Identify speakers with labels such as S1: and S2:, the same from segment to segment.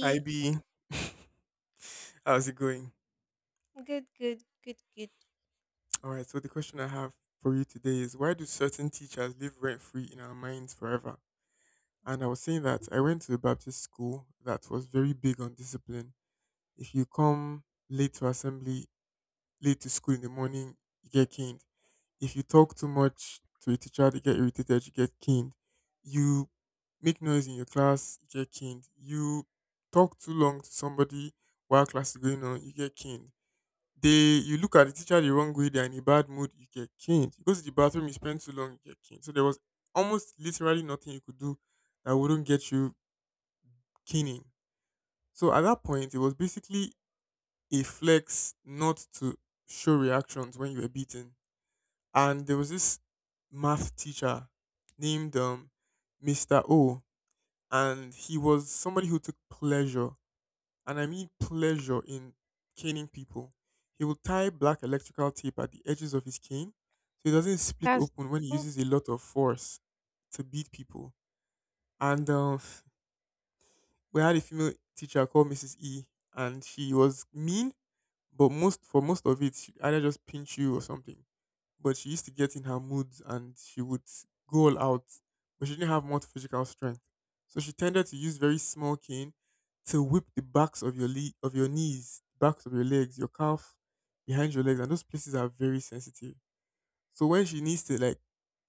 S1: Hi B, how's it going?
S2: Good, good, good, good.
S1: All right, so the question I have for you today is why do certain teachers live rent free in our minds forever? And I was saying that I went to a Baptist school that was very big on discipline. If you come late to assembly, late to school in the morning, you get caned. If you talk too much to a teacher, they get irritated, you get caned. You make noise in your class, you get caned. You talk too long to somebody while class is going on, you get caned. They you look at the teacher the wrong way, they're in a bad mood, you get caned. You go to the bathroom, you spend too long, you get caned. So there was almost literally nothing you could do that wouldn't get you caning. So at that point, it was basically a flex not to show reactions when you were beaten. And there was this math teacher named Mr. O, and he was somebody who took pleasure, and I mean pleasure, in caning people. He will tie black electrical tape at the edges of his cane so it doesn't split
S2: That's
S1: open when he
S2: Mm.
S1: uses a lot of force to beat people. And we had a female teacher called Mrs. E, and she was mean, but most for most of it, she either just pinch you or something, but she used to get in her moods and she would go all out, but she didn't have much physical strength. So she tended to use very small cane to whip the backs of your of your knees, backs of your legs, your calf, behind your legs, and those places are very sensitive. So when she needs to, like,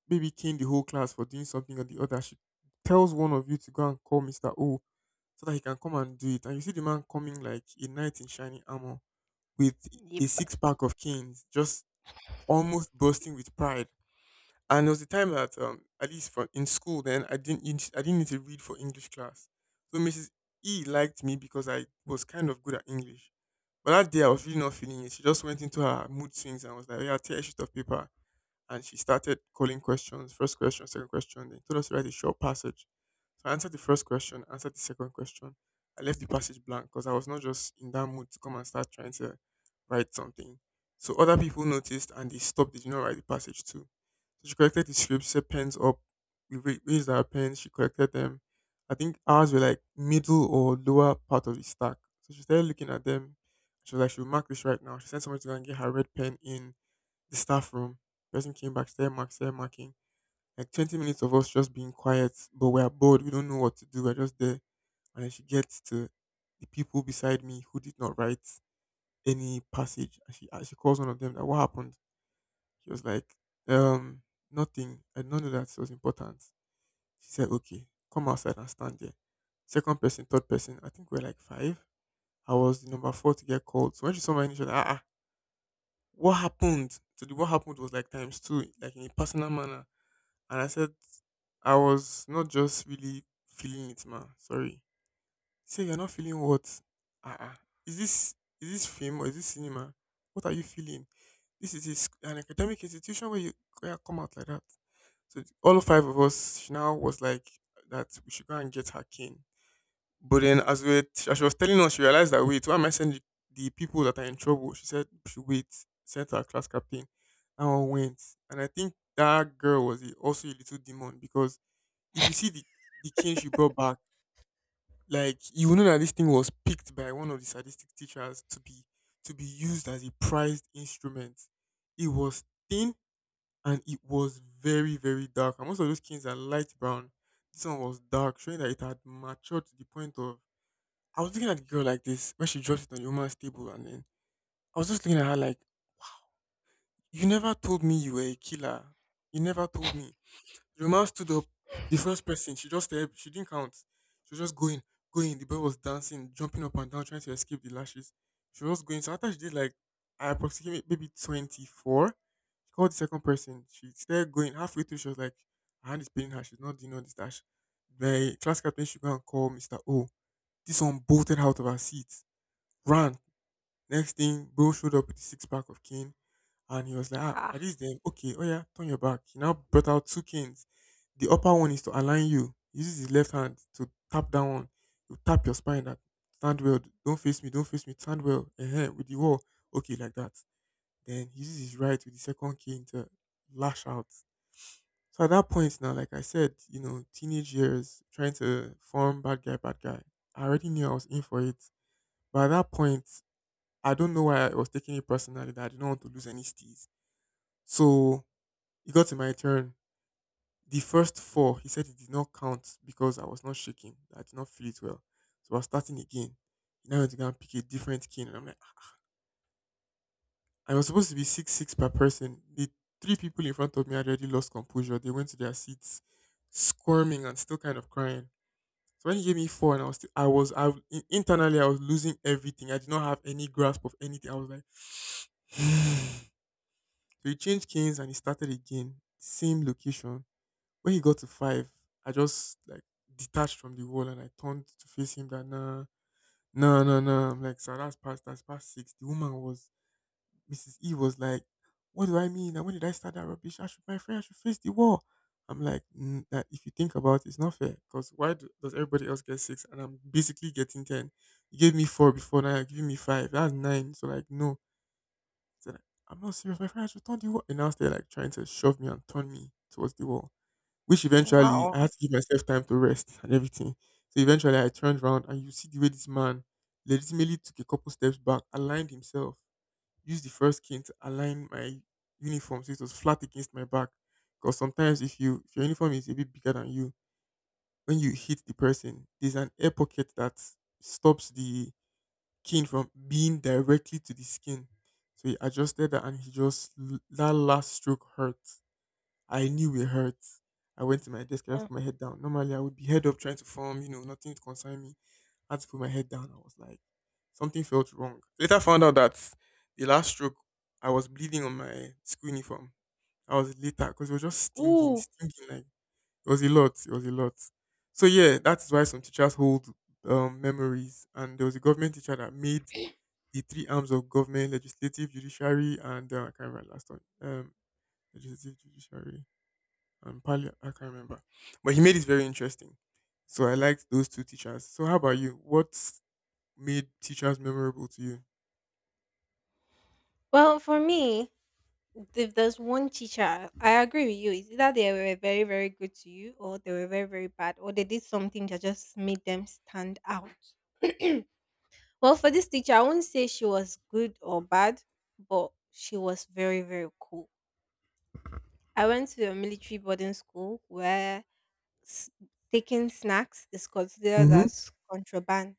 S1: maybe cane the whole class for doing something or the other, she tells one of you to go and call Mr. O so that he can come and do it. And you see the man coming like a knight in shining armor with a six pack of canes, just almost bursting with pride. And there was a time that, at least for in school, then I didn't need to read for English class. So Mrs. E liked me because I was kind of good at English. But that day I was really not feeling it. She just went into her mood swings and was like, "Yeah, tear a sheet of paper." And she started calling questions, first question, second question, then told us to write a short passage. So I answered the first question, answered the second question. I left the passage blank because I was not just in that mood to come and start trying to write something. So other people noticed and they stopped, they did not write the passage too. So she collected the scripts, said pens up, we raised our pens, she collected them. I think ours were like middle or lower part of the stack. So she started looking at them. She was like, she'll mark this right now. She sent someone to go and get her red pen in the staff room. Person came back, stare mark, stare marking. Like 20 minutes of us just being quiet, but we are bored. We don't know what to do. We're just there, and then she gets to the people beside me who did not write any passage. And she calls one of them. That what happened? She was like, um, nothing. I did not know that it was important. She said, okay, come outside and stand there. Second person, third person. I think we are like five. I was the number four to get called. So when she saw my initial, ah, ah, what happened? So the what happened was like times two, like in a personal manner. And I said, I was not just really feeling it, man. Sorry. He said, You're not feeling what? Ah, ah. Is this is this film or is this cinema? What are you feeling? This is a an academic institution where you where I come out like that. So all five of us she now was like that we should go and get her cane. But then as we were, as she was telling us, she realized that wait, why am I sending the people that are in trouble? She said sent her class captain. And I went. And I think that girl was also a little demon because if you see the cane she brought back, like you will know that this thing was picked by one of the sadistic teachers to be used as a prized instrument. It was thin and it was very very dark. And most of those canes are light brown. This one was dark, showing that it had matured to the point of. I was looking at the girl like this when she dropped it on the woman's table, and then I was just looking at her like, "You never told me you were a killer. You never told me." The woman stood up, the first person, she just eh, she didn't count. She was just going, going. The boy was dancing, jumping up and down, trying to escape the lashes. She was going. So after she did like approximately maybe 24, she called the second person. She started going. Halfway through, she was like, her hand is paining her. She's not doing all this dash. The class captain should go and call Mr. O. This one bolted out of her seat, ran. Next thing, Bo showed up with the six pack of cane, and he was like, ah,
S2: Ha.
S1: "Are these them? Okay, oh yeah, turn your back." He now brought out two canes. The upper one is to align you. He uses his left hand to tap that one. You tap your spine. That stand well. Don't face me. Don't face me. Stand well, with the wall. Okay, like that. Then he uses his right with the second cane to lash out. So at that point now, like I said, you know, teenage years, trying to form bad guy, bad guy. I already knew I was in for it. By that point, I don't know why I was taking it personally that I didn't want to lose any stees. So it got to my turn. The first four, he said it did not count because I was not shaking. I did not feel it well. So I was starting again. He now had to go and pick a different king. And I'm like, "Ah." I was supposed to be six six per person. The three people in front of me had already lost composure. They went to their seats, squirming and still kind of crying. So when he gave me four, and I was still, I was I in- internally I was losing everything. I did not have any grasp of anything. I was like. So he changed kings and he started again, same location. When he got to five, I just like detached from the wall and I turned to face him that nah, no, no, no. I'm like, sir, that's past six. The woman was Mrs. E was like, What do I mean? And when did I start that rubbish? I should my friend, I should face the wall. I'm like, mm, that if you think about it, it's not fair. Because does everybody else get six and I'm basically getting ten? You gave me four before, now you're giving me five. That's nine. So like no said, I'm not serious, my friend, I should turn the wall. And now they're like trying to shove me and turn me towards the wall, which eventually
S2: Wow.
S1: I had to give myself time to rest and everything. So eventually I turned around and you see the way this man legitimately took a couple steps back, aligned himself, used the first cane to align my uniform so it was flat against my back. Because sometimes if you if your uniform is a bit bigger than you, when you hit the person, there's an air pocket that stops the skin from being directly to the skin. So he adjusted that and he just, that last stroke hurt. I knew it hurt. I went to my desk and I
S2: Yeah.
S1: put my head down. Normally I would be head up trying to form, you know, nothing to concern me. I had to put my head down. I was like, something felt wrong. Later found out that the last stroke, I was bleeding on my school uniform. I was later because it was just stinging,
S2: Ooh.
S1: stinging like it was a lot. It was a lot. So yeah, that's why some teachers hold memories. And there was a government teacher that made the three arms of government: legislative, judiciary, and I can't remember the last one. Legislative, judiciary, and parliament. I can't remember. But he made it very interesting. So I liked those two teachers. So how about you? What made teachers memorable to you?
S2: Well, for me, if there's one teacher, I agree with you. It's either they were very, very good to you, or they were very, very bad, or they did something that just made them stand out. Well, for this teacher, I won't say she was good or bad, but she was very, very cool. I went to a military boarding school where s- taking snacks is considered
S1: Mm-hmm.
S2: as contraband.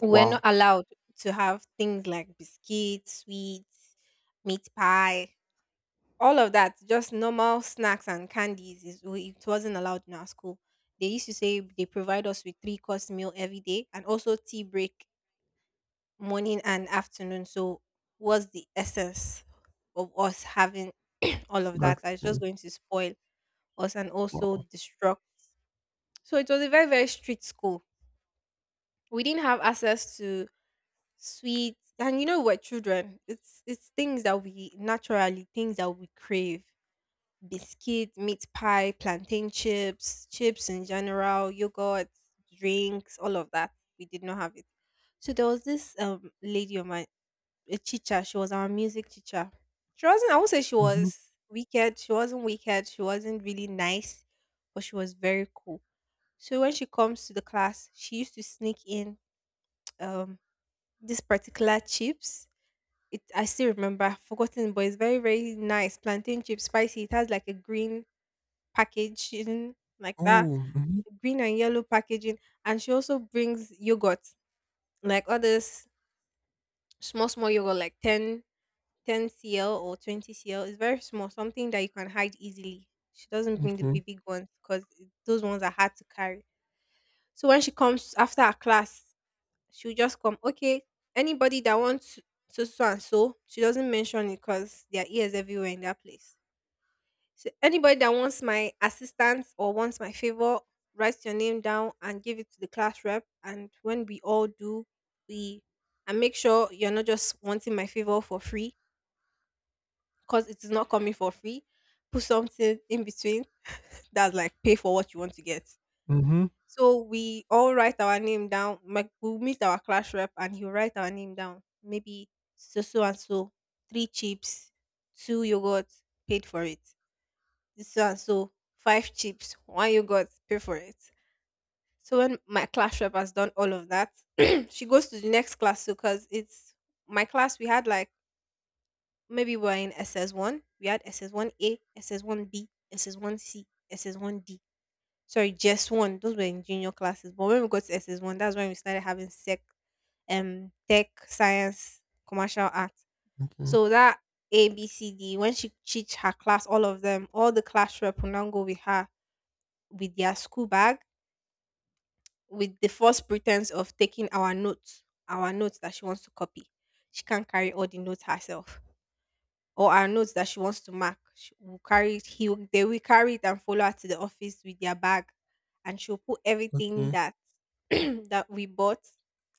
S2: We're not
S1: Wow.
S2: allowed to have things like biscuits, sweets, meat pie, all of that. Just normal snacks and candies. It wasn't allowed in our school. They used to say they provide us with three course meal every day and also tea break morning and afternoon. So, what's the essence of us having all of that?
S1: Snacks
S2: That's just
S1: again.
S2: going to spoil us and also
S1: Wow.
S2: destruct. So, it was a very, very strict school. We didn't have access to sweet, and, you know, we're children. It's things that we naturally, things that we crave: biscuit, meat pie, plantain chips, chips in general, yogurt, drinks, all of that. We did not have it. So there was this lady on my a teacher. She was our music teacher. She wasn't, I won't say she
S1: Mm-hmm.
S2: was wicked. She wasn't wicked. She wasn't really nice, but she was very cool. So when she comes to the class, she used to sneak in um this particular chips. It I still remember, I've forgotten, but it's very, very nice. Plantain chips, spicy. It has like a green packaging like that.
S1: Oh. Mm-hmm.
S2: Green and yellow packaging. And she also brings yogurt. Like others, small, small yogurt, like 10 cl or 20 cl. It's very small, something that you can hide easily. She doesn't bring the
S1: Okay.
S2: big, big ones because those ones are hard to carry. So when she comes after her class, she'll just come, okay, anybody that wants so so and so, she doesn't mention it because there are ears everywhere in that place. So anybody that wants my assistance or wants my favor, write your name down and give it to the class rep. And when we all do, we and make sure you're not just wanting my favor for free, because it is not coming for free. Put something in between, that's like, pay for what you want to get.
S1: Mm-hmm.
S2: So we all write our name down. Like, we'll meet our class rep and he'll write our name down. Maybe so so and so, three chips, two yogurt, paid for it. This so and so, five chips, one yogurt, pay for it. So when my class rep has done all of that, she goes to the next class, because it's my class. We had like, maybe, we're in SS one. We had SS1A, SS1B, SS1C, SS1D, sorry, just one. Those were in junior classes. But when we got to SS1, that's when we started having sec, tech, science, commercial art.
S1: Okay.
S2: So that A, B, C, D, when she teach her class, all of them, all the class rep will now go with her with their school bag, with the false pretense of taking our notes that she wants to copy. She can't carry all the notes herself, or our notes that she wants to mark. She will carry it, they will carry it and follow her to the office with their bag, and she'll put everything
S1: Okay.
S2: that that we bought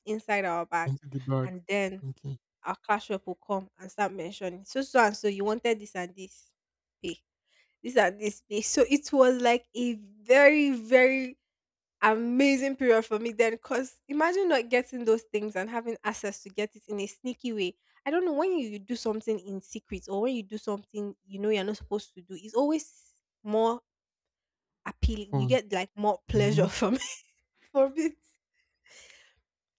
S2: inside our bag.
S1: Into the bags.
S2: And then
S1: Okay.
S2: our class rep will come and start mentioning, so so and so, you wanted this and this, pay, this and this, pay. So it was like a very, very amazing period for me then, because imagine not getting those things and having access to get it in a sneaky way. I don't know, when you do something in secret, or when you do something you know you're not supposed to do, it's always more appealing. You
S1: Fun.
S2: get like more
S1: Mm-hmm.
S2: pleasure from it. From it.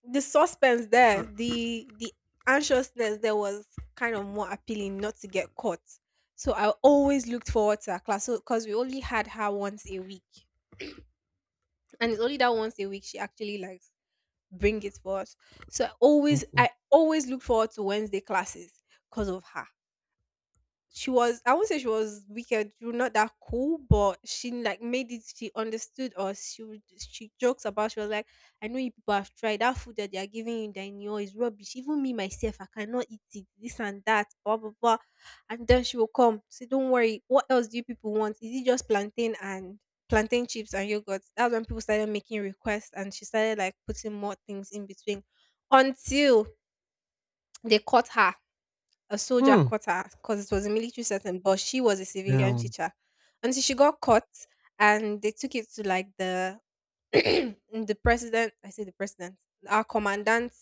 S2: The suspense there, the anxiousness there was kind of more appealing, not to get caught. So I always looked forward to her class. So because we only had her once a week, and it's only that once a week she actually likes bring it for us. So I always
S1: Okay.
S2: I always look forward to Wednesday classes because of her. She was, I won't say she was wicked, she was not that cool, but she like made it, she understood us. She would, she jokes about, she was like, "I know you people have tried that food that they are giving you that you know is rubbish. Even me myself, I cannot eat it, this and that, blah blah blah." And then she will come, say, "Don't worry, what else do you people want? Is it just plantain and plantain chips and yogurt?" That's when people started making requests, and she started like putting more things in between until they caught her. A soldier
S1: Hmm.
S2: caught her, because it was a military setting, but she was a civilian
S1: Down.
S2: teacher. And so she got caught, and they took it to like the the president. I say the president, our commandant.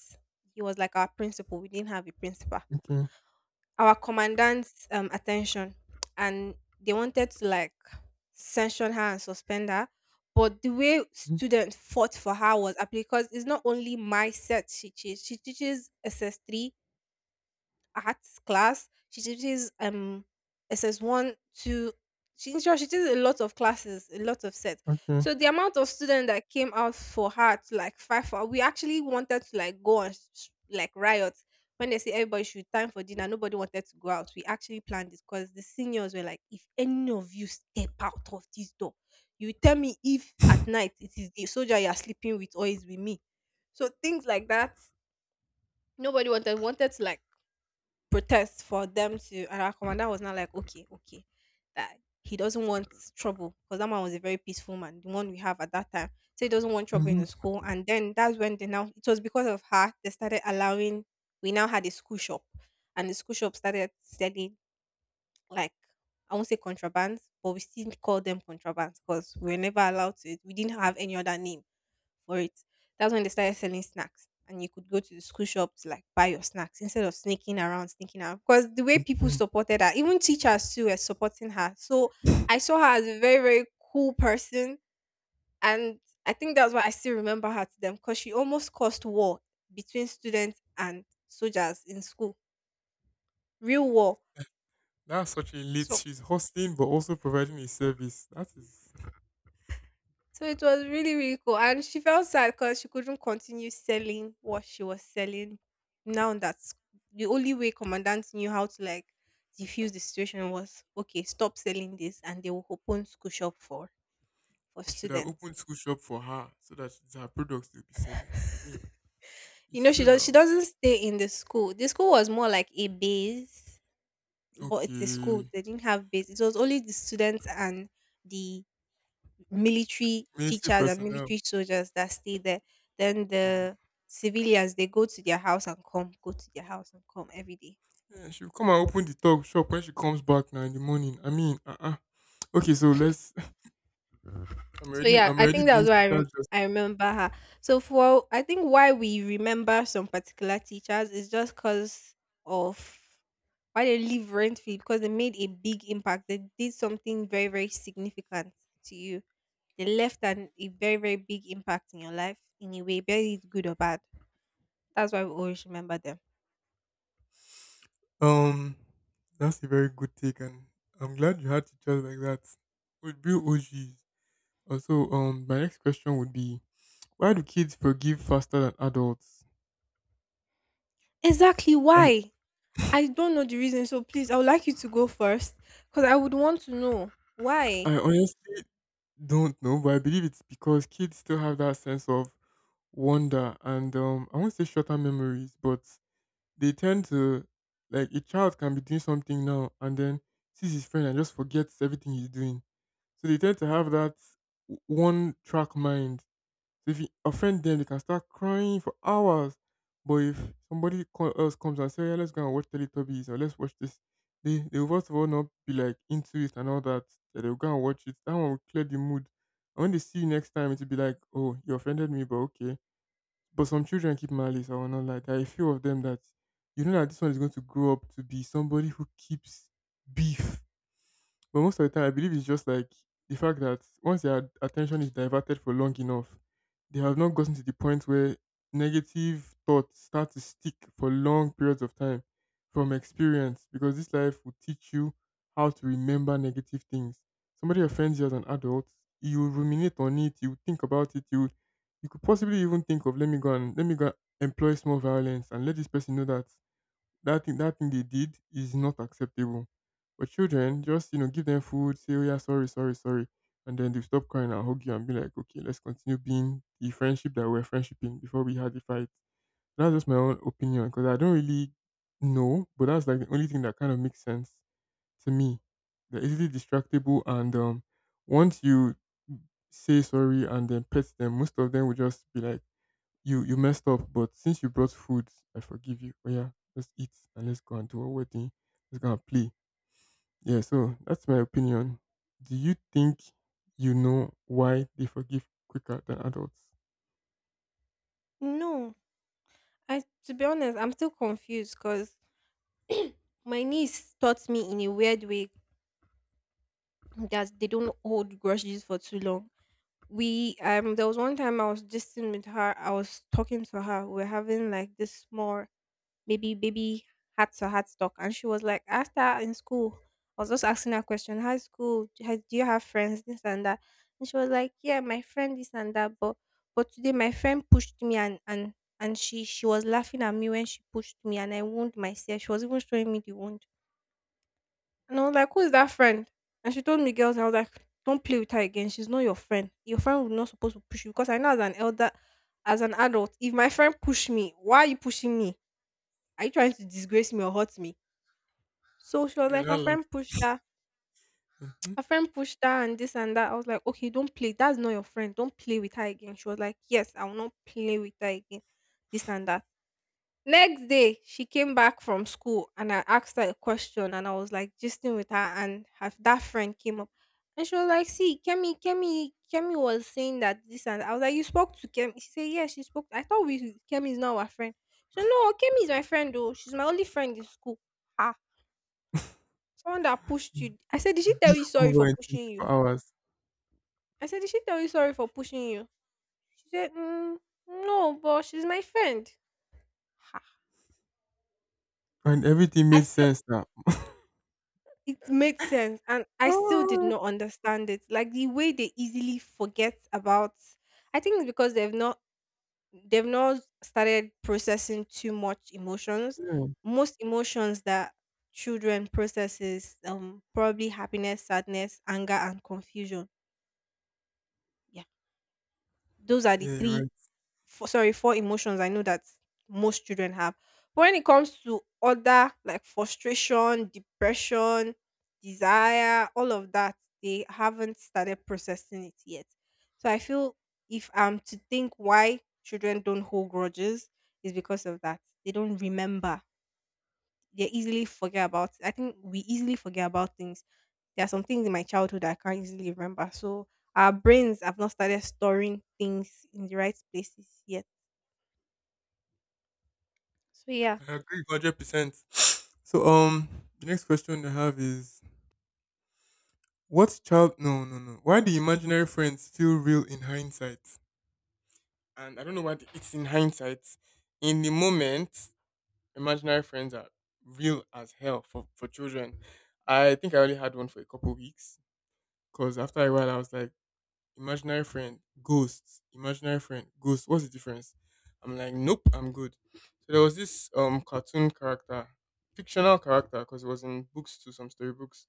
S2: He was like our principal. We didn't have a principal.
S1: Okay.
S2: Our commandant's attention, and they wanted to like sanction her and suspend her. But the way
S1: Mm-hmm.
S2: students fought for her was because it's not only my set she teaches. She teaches SS3 arts class. She teaches SS1 two. She In short, she teaches a lot of classes, a lot of sets.
S1: Okay.
S2: So the amount of students that came out for her to like fight for, we actually wanted to like go and like riot. When they say everybody should time for dinner, nobody wanted to go out. We actually planned this because the seniors were like, "If any of you step out of this door, you tell me if at night it is the soldier you are sleeping with or is with me." So things like that. Nobody wanted to like protest for them to, and our commander was not like, okay, okay, that he doesn't want trouble, because that man was a very peaceful man, the one we have at that time. So he doesn't want trouble in
S1: Mm-hmm.
S2: the school. And then that's when they now, it was because of her, they started allowing, we now had a school shop, and the school shop started selling like, I won't say contraband, but we still call them contraband because we were never allowed to. We didn't have any other name for it. That's when they started selling snacks, and you could go to the school shop to like buy your snacks instead of sneaking around, sneaking around. Because the way people supported her, even teachers too were supporting her. So I saw her as a very, very cool person, and I think that's why I still remember her to them, because she almost caused war between students and soldiers in school, real war.
S1: That's such a late.
S2: So,
S1: She's hosting, but also providing a service. That is,
S2: so it was really, really cool. And she felt sad because she couldn't continue selling what she was selling. Now that's the only way commandant knew how to like diffuse the situation was, okay, stop selling this and they will open school shop for
S1: they should have
S2: students.
S1: opened school shop for her so that it's her products they'll be selling. I mean,
S2: You
S1: it's
S2: know,
S1: true
S2: she
S1: now.
S2: doesn't stay in the school. The school was more like a base, but it's a school.
S1: Okay,
S2: They didn't have base. It was only the students and the military
S1: military
S2: teachers and
S1: personnel.
S2: military soldiers that stay there. Then
S1: Um,
S2: the civilians, they go to their house and come, go to their house and come every day.
S1: yeah, she'll come and open the talk shop when she comes back now in the morning. I mean, okay, so let's.
S2: So yeah,
S1: I'm
S2: I
S1: already
S2: think that
S1: doing
S2: was why I
S1: social justice.
S2: I remember her. So for, I think why we remember some particular teachers is just because of, why they leave rent free, because they made a big impact. They did something very, very significant to you. They left an, a very, very big impact in your life in a way, be it good or bad. That's why we always remember them.
S1: Um, that's a very good take, and I'm glad you had teachers like that. Would be OGs. Also, my next question would be: why do kids forgive faster than adults?
S2: Exactly
S1: And
S2: why? I don't know the reason, so please, I would like you to go first, because I would want to know why.
S1: I honestly don't know, but I believe it's because kids still have that sense of wonder, and I won't say shorter memories, but they tend to, like, a child can be doing something now and then sees his friend and just forgets everything he's doing. So they tend to have that one track mind. So if you offend them, they can start crying for hours. But if else comes and says, yeah, let's go and watch Teletubbies or let's watch this, they will first of all not be like into it and all that. They'll go and watch it. That one will clear the mood. And when they see you next time, it'll be like, oh, you offended me, but okay. But some children keep malice. I will not lie. There are a few of them that you know that this one is going to grow up to be somebody who keeps beef. But most of the time, I believe it's just like the fact that once their attention is diverted for long enough, they have not gotten to the point where negative thoughts start to stick for long periods of time from experience, because this life will teach you how to remember negative things. Somebody offends you as an adult, you will ruminate on it, you will think about it, you could possibly even think of, let me go and employ small violence and let this person know that that thing they did is not acceptable. But children, just, you know, give them food, say, oh yeah, sorry, sorry, sorry, and then they stop crying and hug you and be like, okay, let's continue being the friendship that we're friendshiping before we had the fight. That's just my own opinion, because I don't really know, but that's like the only thing that kind of makes sense to me. They're easily distractible, and once you say sorry and then pet them, most of them will just be like, you messed up, but since you brought food, I forgive you. Oh yeah, let's eat and let's go and do our wedding. Let's go and play. Yeah, so that's my opinion. Do you think you know why they forgive quicker than adults?
S2: No, I to be honest, I'm still confused because my niece taught me in a weird way that they don't hold grudges for too long. We there was one time I was just with her. I was talking to her. We are having like this small baby had talk, and she was like, I asked her in school. I was just asking her a question. High school, do you have friends, this and that? And she was like, yeah, my friend this and that. But today my friend pushed me, and she was laughing at me when she pushed me, and I wound myself. She was even showing me the wound. And I was like, who is that friend? And she told me girls, and I was like, don't play with her again. She's not your friend. Your friend was not supposed to push you, because I know as an elder, as an adult, if my friend push me, why are you pushing me? Are you trying to disgrace me or hurt me? So she was
S1: You're
S2: like,
S1: not
S2: her
S1: laughing.
S2: friend pushed her.
S1: Hmm?
S2: Her friend pushed her and this and that. I was like, okay, don't play. That's not your friend. Don't play with her again. She was like, yes, I will not play with her again. This and that. Next day, she came back from school and I asked her a question, and I was like gisting with her, and her, that friend came up. And she was like, see, Kemi was saying that this and that. I was like, you spoke to Kemi? She said, yeah, she spoke. I thought we Kemi is not our friend. So no, Kemi is my friend though. She's my only friend in school. Ah. Someone that pushed you. I said, did she tell
S1: This
S2: you sorry
S1: over
S2: for
S1: in
S2: pushing you?
S1: 24 hours.
S2: I said, did she tell you sorry for pushing you? She said, mm, no, but she's my friend. Ha.
S1: And everything
S2: I
S1: made
S2: still,
S1: sense now.
S2: it made sense. And I still did
S1: Ah,
S2: not understand it. Like the way they easily forget about, I think it's because they've not started processing too much emotions.
S1: yeah.
S2: Most emotions that children processes, probably happiness, sadness, anger, and confusion. Yeah. Those are the
S1: Yeah, you're
S2: three,
S1: right.
S2: for sorry, four emotions I know that most children have. But when it comes to other, like frustration, depression, desire, all of that, they haven't started processing it yet. So I feel, if I'm to think why children don't hold grudges, is because of that. They don't remember. They easily forget about. I think we easily forget about things. There are some things in my childhood that I can't easily remember. So our brains have not started storing things in the right places yet. So yeah.
S1: I agree 100%. So the next question I have is what child no no no. Why do imaginary friends feel real in hindsight? And I don't know why it's in hindsight. In the moment, imaginary friends are real as hell for children. I think I only had one for a couple weeks, because after a while I was like, imaginary friend, ghosts, imaginary friend, ghosts. What's the difference? I'm like, nope, I'm good. So there was this cartoon character, fictional character, because it was in books too, some storybooks.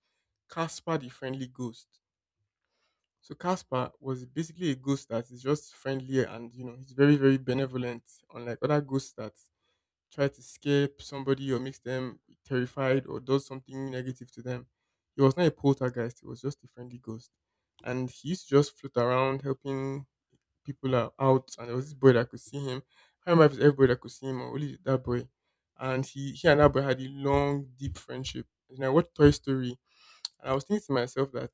S1: Casper the Friendly Ghost. So Casper was basically a ghost that is just friendly, and you know he's very benevolent, unlike other ghosts that try to scare somebody or makes them terrified or does something negative to them. He was not a poltergeist; he was just a friendly ghost, and he used to just float around helping people out. And there was this boy that could see him. I can't remember if it's everybody that could see him or only that boy. And he and that boy had a long deep friendship. And I watched Toy Story, and I was thinking to myself that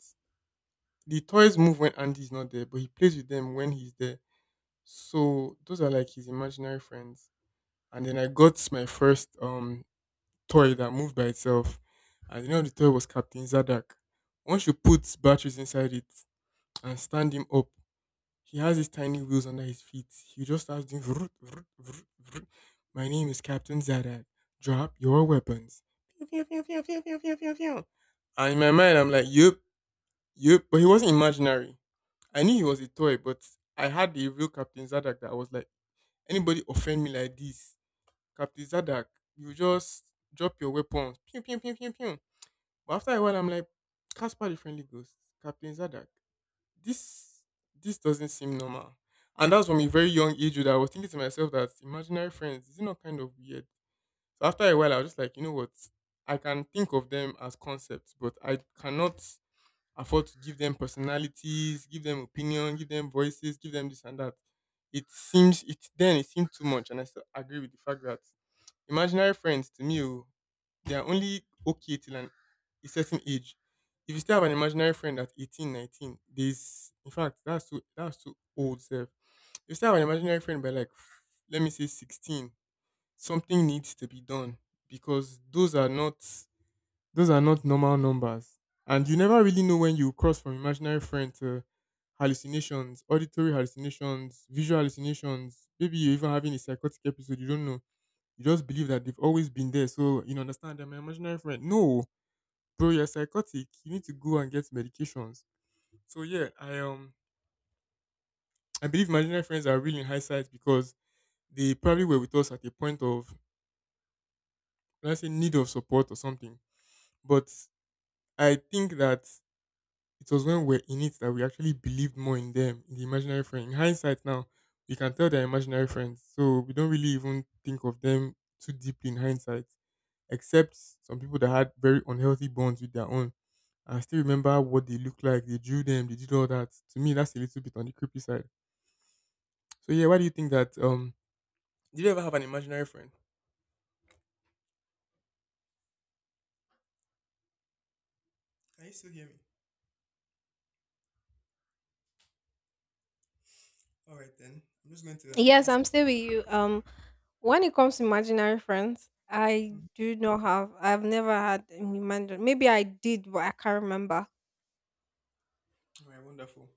S1: the toys move when Andy is not there, but he plays with them when he's there. So those are like his imaginary friends. And then I got my first toy that moved by itself. And you know the toy was Captain Zadak. Once you put batteries inside it and stand him up, he has his tiny wheels under his feet. He just starts doing vroom, vroom, vroom, vroom. My name is Captain Zadak. Drop your weapons. Pew, pew, pew, pew, pew, pew, pew, pew, pew. And in my mind, I'm like, yep, yep. But he wasn't imaginary. I knew he was a toy, but I had the real Captain Zadak that I was like, anybody offend me like this, Captain Zadak, you just drop your weapons. Pew, pew, pew, pew, pew. But after a while, I'm like, Caspar the Friendly Ghost, Captain Zadak, this this doesn't seem normal. And that's from a very young age that I was thinking to myself that imaginary friends, is it not kind of weird? So after a while, I was just like, you know what? I can think of them as concepts, but I cannot afford to give them personalities, give them opinion, give them voices, give them this and that. It seems it then it seemed too much, and I still agree with the fact that imaginary friends, to me, oh, they are only okay till an a certain age. If you still have an imaginary friend at 18, 19, 19, there's, in fact that's too old self. If you still have an imaginary friend by like, let me say 16, something needs to be done, because those are not normal numbers. And you never really know when you cross from imaginary friend to hallucinations, auditory hallucinations, visual hallucinations. Maybe you're even having a psychotic episode, you don't know. You just believe that they've always been there. So, you know, understand, they're my imaginary friend. No, bro, you're psychotic. You need to go and get medications. So yeah, I believe imaginary friends are really in hindsight because they probably were with us at a point of, let's say, need of support or something. But I think that it was when we're in it that we actually believed more in them, in the imaginary friend. In hindsight now, we can tell they're imaginary friends. So we don't really even think of them too deeply in hindsight, except some people that had very unhealthy bonds with their own. I still remember what they looked like. They drew them, they did all that. To me, that's a little bit on the creepy side. So yeah, why do you think that did you ever have an imaginary friend? Can you still hear me? All right then. I'm just going to
S2: Yes,
S1: ask.
S2: I'm still with you. When it comes to imaginary friends, I
S1: Mm,
S2: do not have. I've never had an imaginary. Maybe I did, but I can't remember.
S1: all right, wonderful.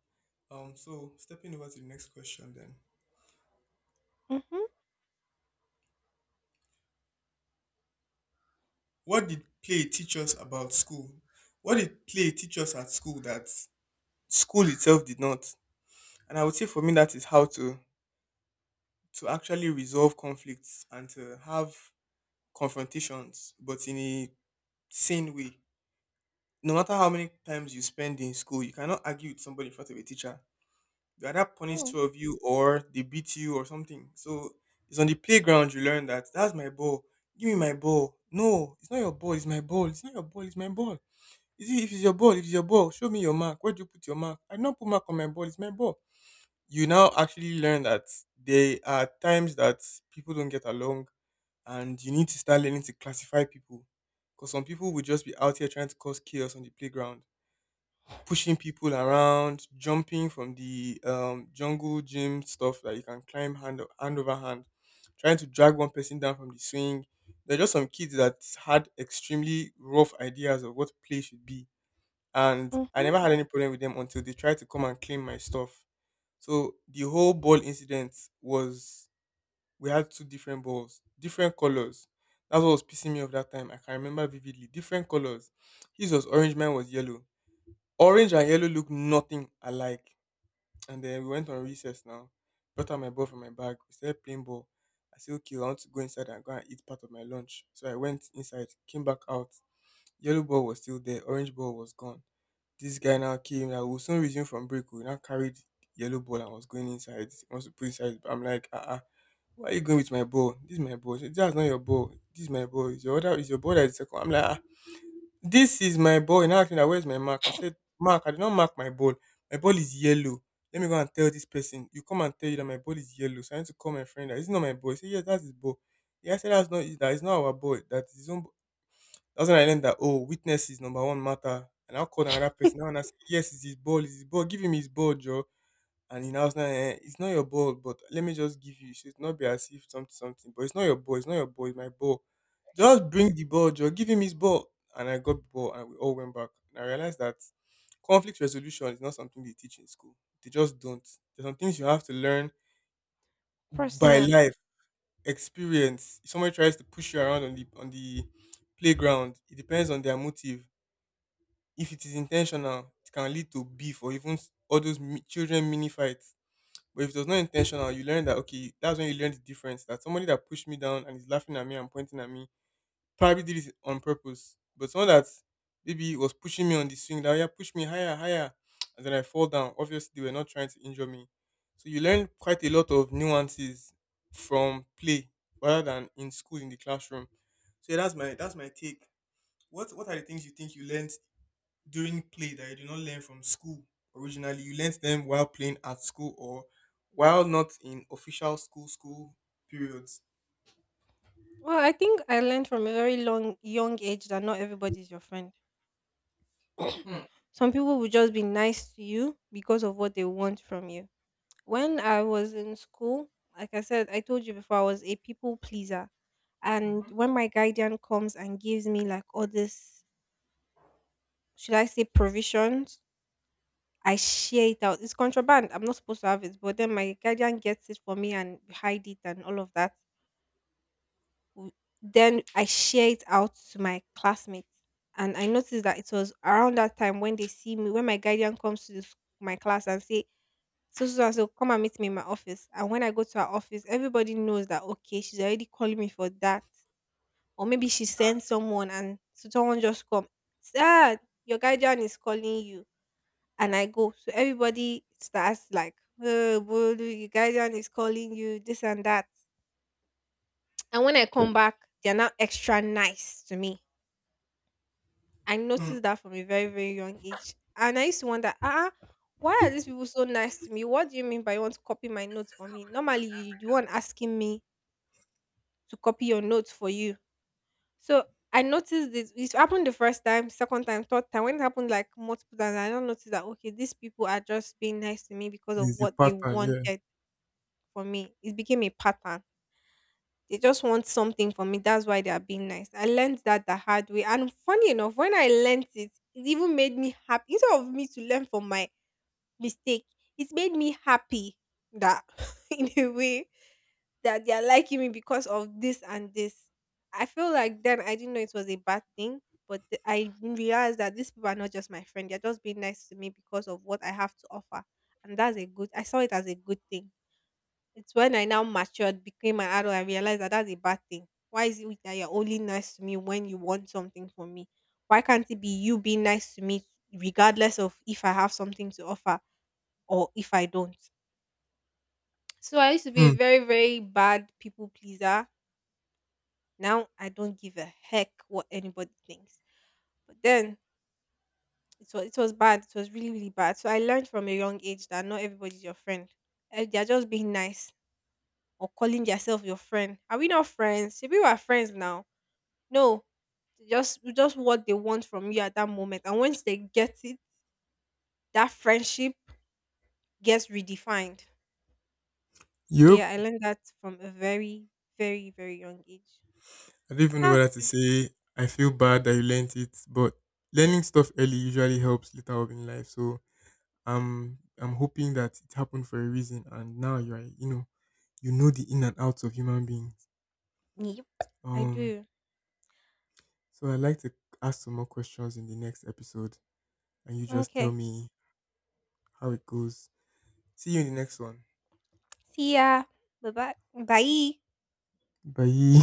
S1: So stepping over to the next question then.
S2: Mm-hmm.
S1: What did play teach us about school? What did play teach us at school that school itself did not? And I would say for me that is how to actually resolve conflicts and to have confrontations, but in a sane way. No matter how many times you spend in school, you cannot argue with somebody in front of a teacher. They either punish
S2: Mm-hmm.
S1: two of you or they beat you or something. So it's on the playground you learn that that's my ball. Give me my ball. No, it's not your ball, it's my ball. It's not your ball, it's my ball. Is it, if it's your ball, show me your mark. Where do you put your mark? I did not put mark on my ball. It's my ball. You now actually learn that there are times that people don't get along, and you need to start learning to classify people. Because some people will just be out here trying to cause chaos on the playground, pushing people around, jumping from the jungle gym stuff that you can climb hand over hand, trying to drag one person down from the swing. There are just some kids that had extremely rough ideas of what play should be, and I
S2: Mm-hmm.
S1: never had any problem with them until they tried to come and claim my stuff. So the whole ball incident was, we had two different balls, different colors. That's what was pissing me off that time. I can remember vividly. Different colors. His was orange, mine was yellow. Orange and yellow look nothing alike. And then we went on recess now. Brought out my ball from my bag. We started playing ball. I said, okay, I want to go inside and go and eat part of my lunch. So I went inside, came back out. Yellow ball was still there. Orange ball was gone. This guy now came, like, we will soon resume from break. We now carried the yellow ball and was going inside. He wants to put inside. But I'm like, ah, uh-uh, why are you going with my ball? This is my ball. She That's not your ball. This is my ball. It's your ball that is second. I'm like, ah, this is my ball. And now asking that where's my mark? I said, Mark, I did not mark my ball. My ball is yellow. Let me go and tell this person. You come and tell you that my ball is yellow. So I need to call my friend that it's not my ball. He said, yes, that's his ball. Yeah, I said that's not that it's not our ball. That is his own. That's when I learned that oh, witness is number one matter. And I called another person. Now and I say, yes, it's his ball, it's his ball. Give him his ball, Joe. And he now was like, eh, it's not your ball, but let me just give you. It should not be as if something, something. But it's not your ball. It's not your ball. It's my ball. Just bring the ball, Joe. Give him his ball. And I got the ball, and we all went back. And I realized that conflict resolution is not something they teach in school. They just don't. There's some things you have to learn by
S2: Personally,
S1: life, experience. If somebody tries to push you around on the playground, it depends on their motive. If it is intentional, it can lead to beef or even all those children mini fights. But if it was not intentional, you learn that okay, that's when you learn the difference. That somebody that pushed me down and is laughing at me and pointing at me probably did it on purpose. But someone that maybe was pushing me on the swing, that "Oh, yeah, push me higher, higher," and then I fall down. Obviously, they were not trying to injure me. So you learn quite a lot of nuances from play rather than in school in the classroom. So yeah, that's my take. What are the things you think you learned during play that you did not learn from school originally? You learnt them while playing at school or while not in official school periods.
S2: well, I think I learned from a very long young age that not everybody is your friend. Some people will just be nice to you because of what they want from you. When I was in school, like I said, I told you before, I was a people pleaser. And when my guardian comes and gives me like all this, should I say provisions? I share it out. It's contraband. I'm not supposed to have it, but then my guardian gets it for me and hide it and all of that. w- then I share it out to my classmates. And I noticed that it was around that time when they see me, when my guardian comes to the, my class and say, so, so, so, and so, come and meet me in my office. And when I go to her office, everybody knows that, okay, she's already calling me for that. Or maybe she sent someone, and so someone just come, sir, your guardian is calling you. And I go. So everybody starts like, oh, Bolu, your guardian is calling you, this and that. And when I come back, they're now extra nice to me. I
S1: Hmm.
S2: noticed that from a very, very young age. And I used to wonder, ah, why are these people so nice to me? What do you mean by you want to copy my notes for me? Normally, you want asking me to copy your notes for you. So I noticed this. It happened the first time, second time, third time. When it happened like multiple times, I don't notice that, okay, these people are just being nice to me because of
S1: There's a
S2: what they
S1: pattern, yeah.
S2: wanted for me. It became a pattern. They just want something from me. That's why they are being nice. I learned that the hard way. And funny enough, when I learned it, it even made me happy. Instead of me to learn from my mistake, it made me happy that in a way that they are liking me because of this and this. I feel like then I didn't know it was a bad thing, but I realized that these people are not just my friend. They're just being nice to me because of what I have to offer. And that's a good, I saw it as a good thing. It's when I now matured, became an adult, I realized that that's a bad thing. Why is it that you're only nice to me when you want something from me? Why can't it be you being nice to me regardless of if I have something to offer or if I don't? So I used to be
S1: Hmm.
S2: a very, very bad people pleaser. Now I don't give a heck what anybody thinks. But then it was bad. It was really, really bad. So I learned from a young age that not everybody's your friend. Eh, they're just being nice. Or calling yourself your friend. Are we not friends? Should we are friends now? No. Just what they want from you at that moment. And once they get it, that friendship gets redefined. So
S1: Yep.
S2: yeah, I learned that from a very, very, very young age.
S1: I don't even know
S2: Ah,
S1: whether to say, I feel bad that you learnt it, but learning stuff early usually helps later on in life. So I'm hoping that it happened for a reason and now you're, you know, you know the in and outs of human beings.
S2: yep. I
S1: um
S2: do.
S1: so I'd like to ask some more questions in the next episode and you just tell
S2: Okay.
S1: me how it goes. See you in the next one.
S2: See ya. Bye bye. Bye.
S1: Bye.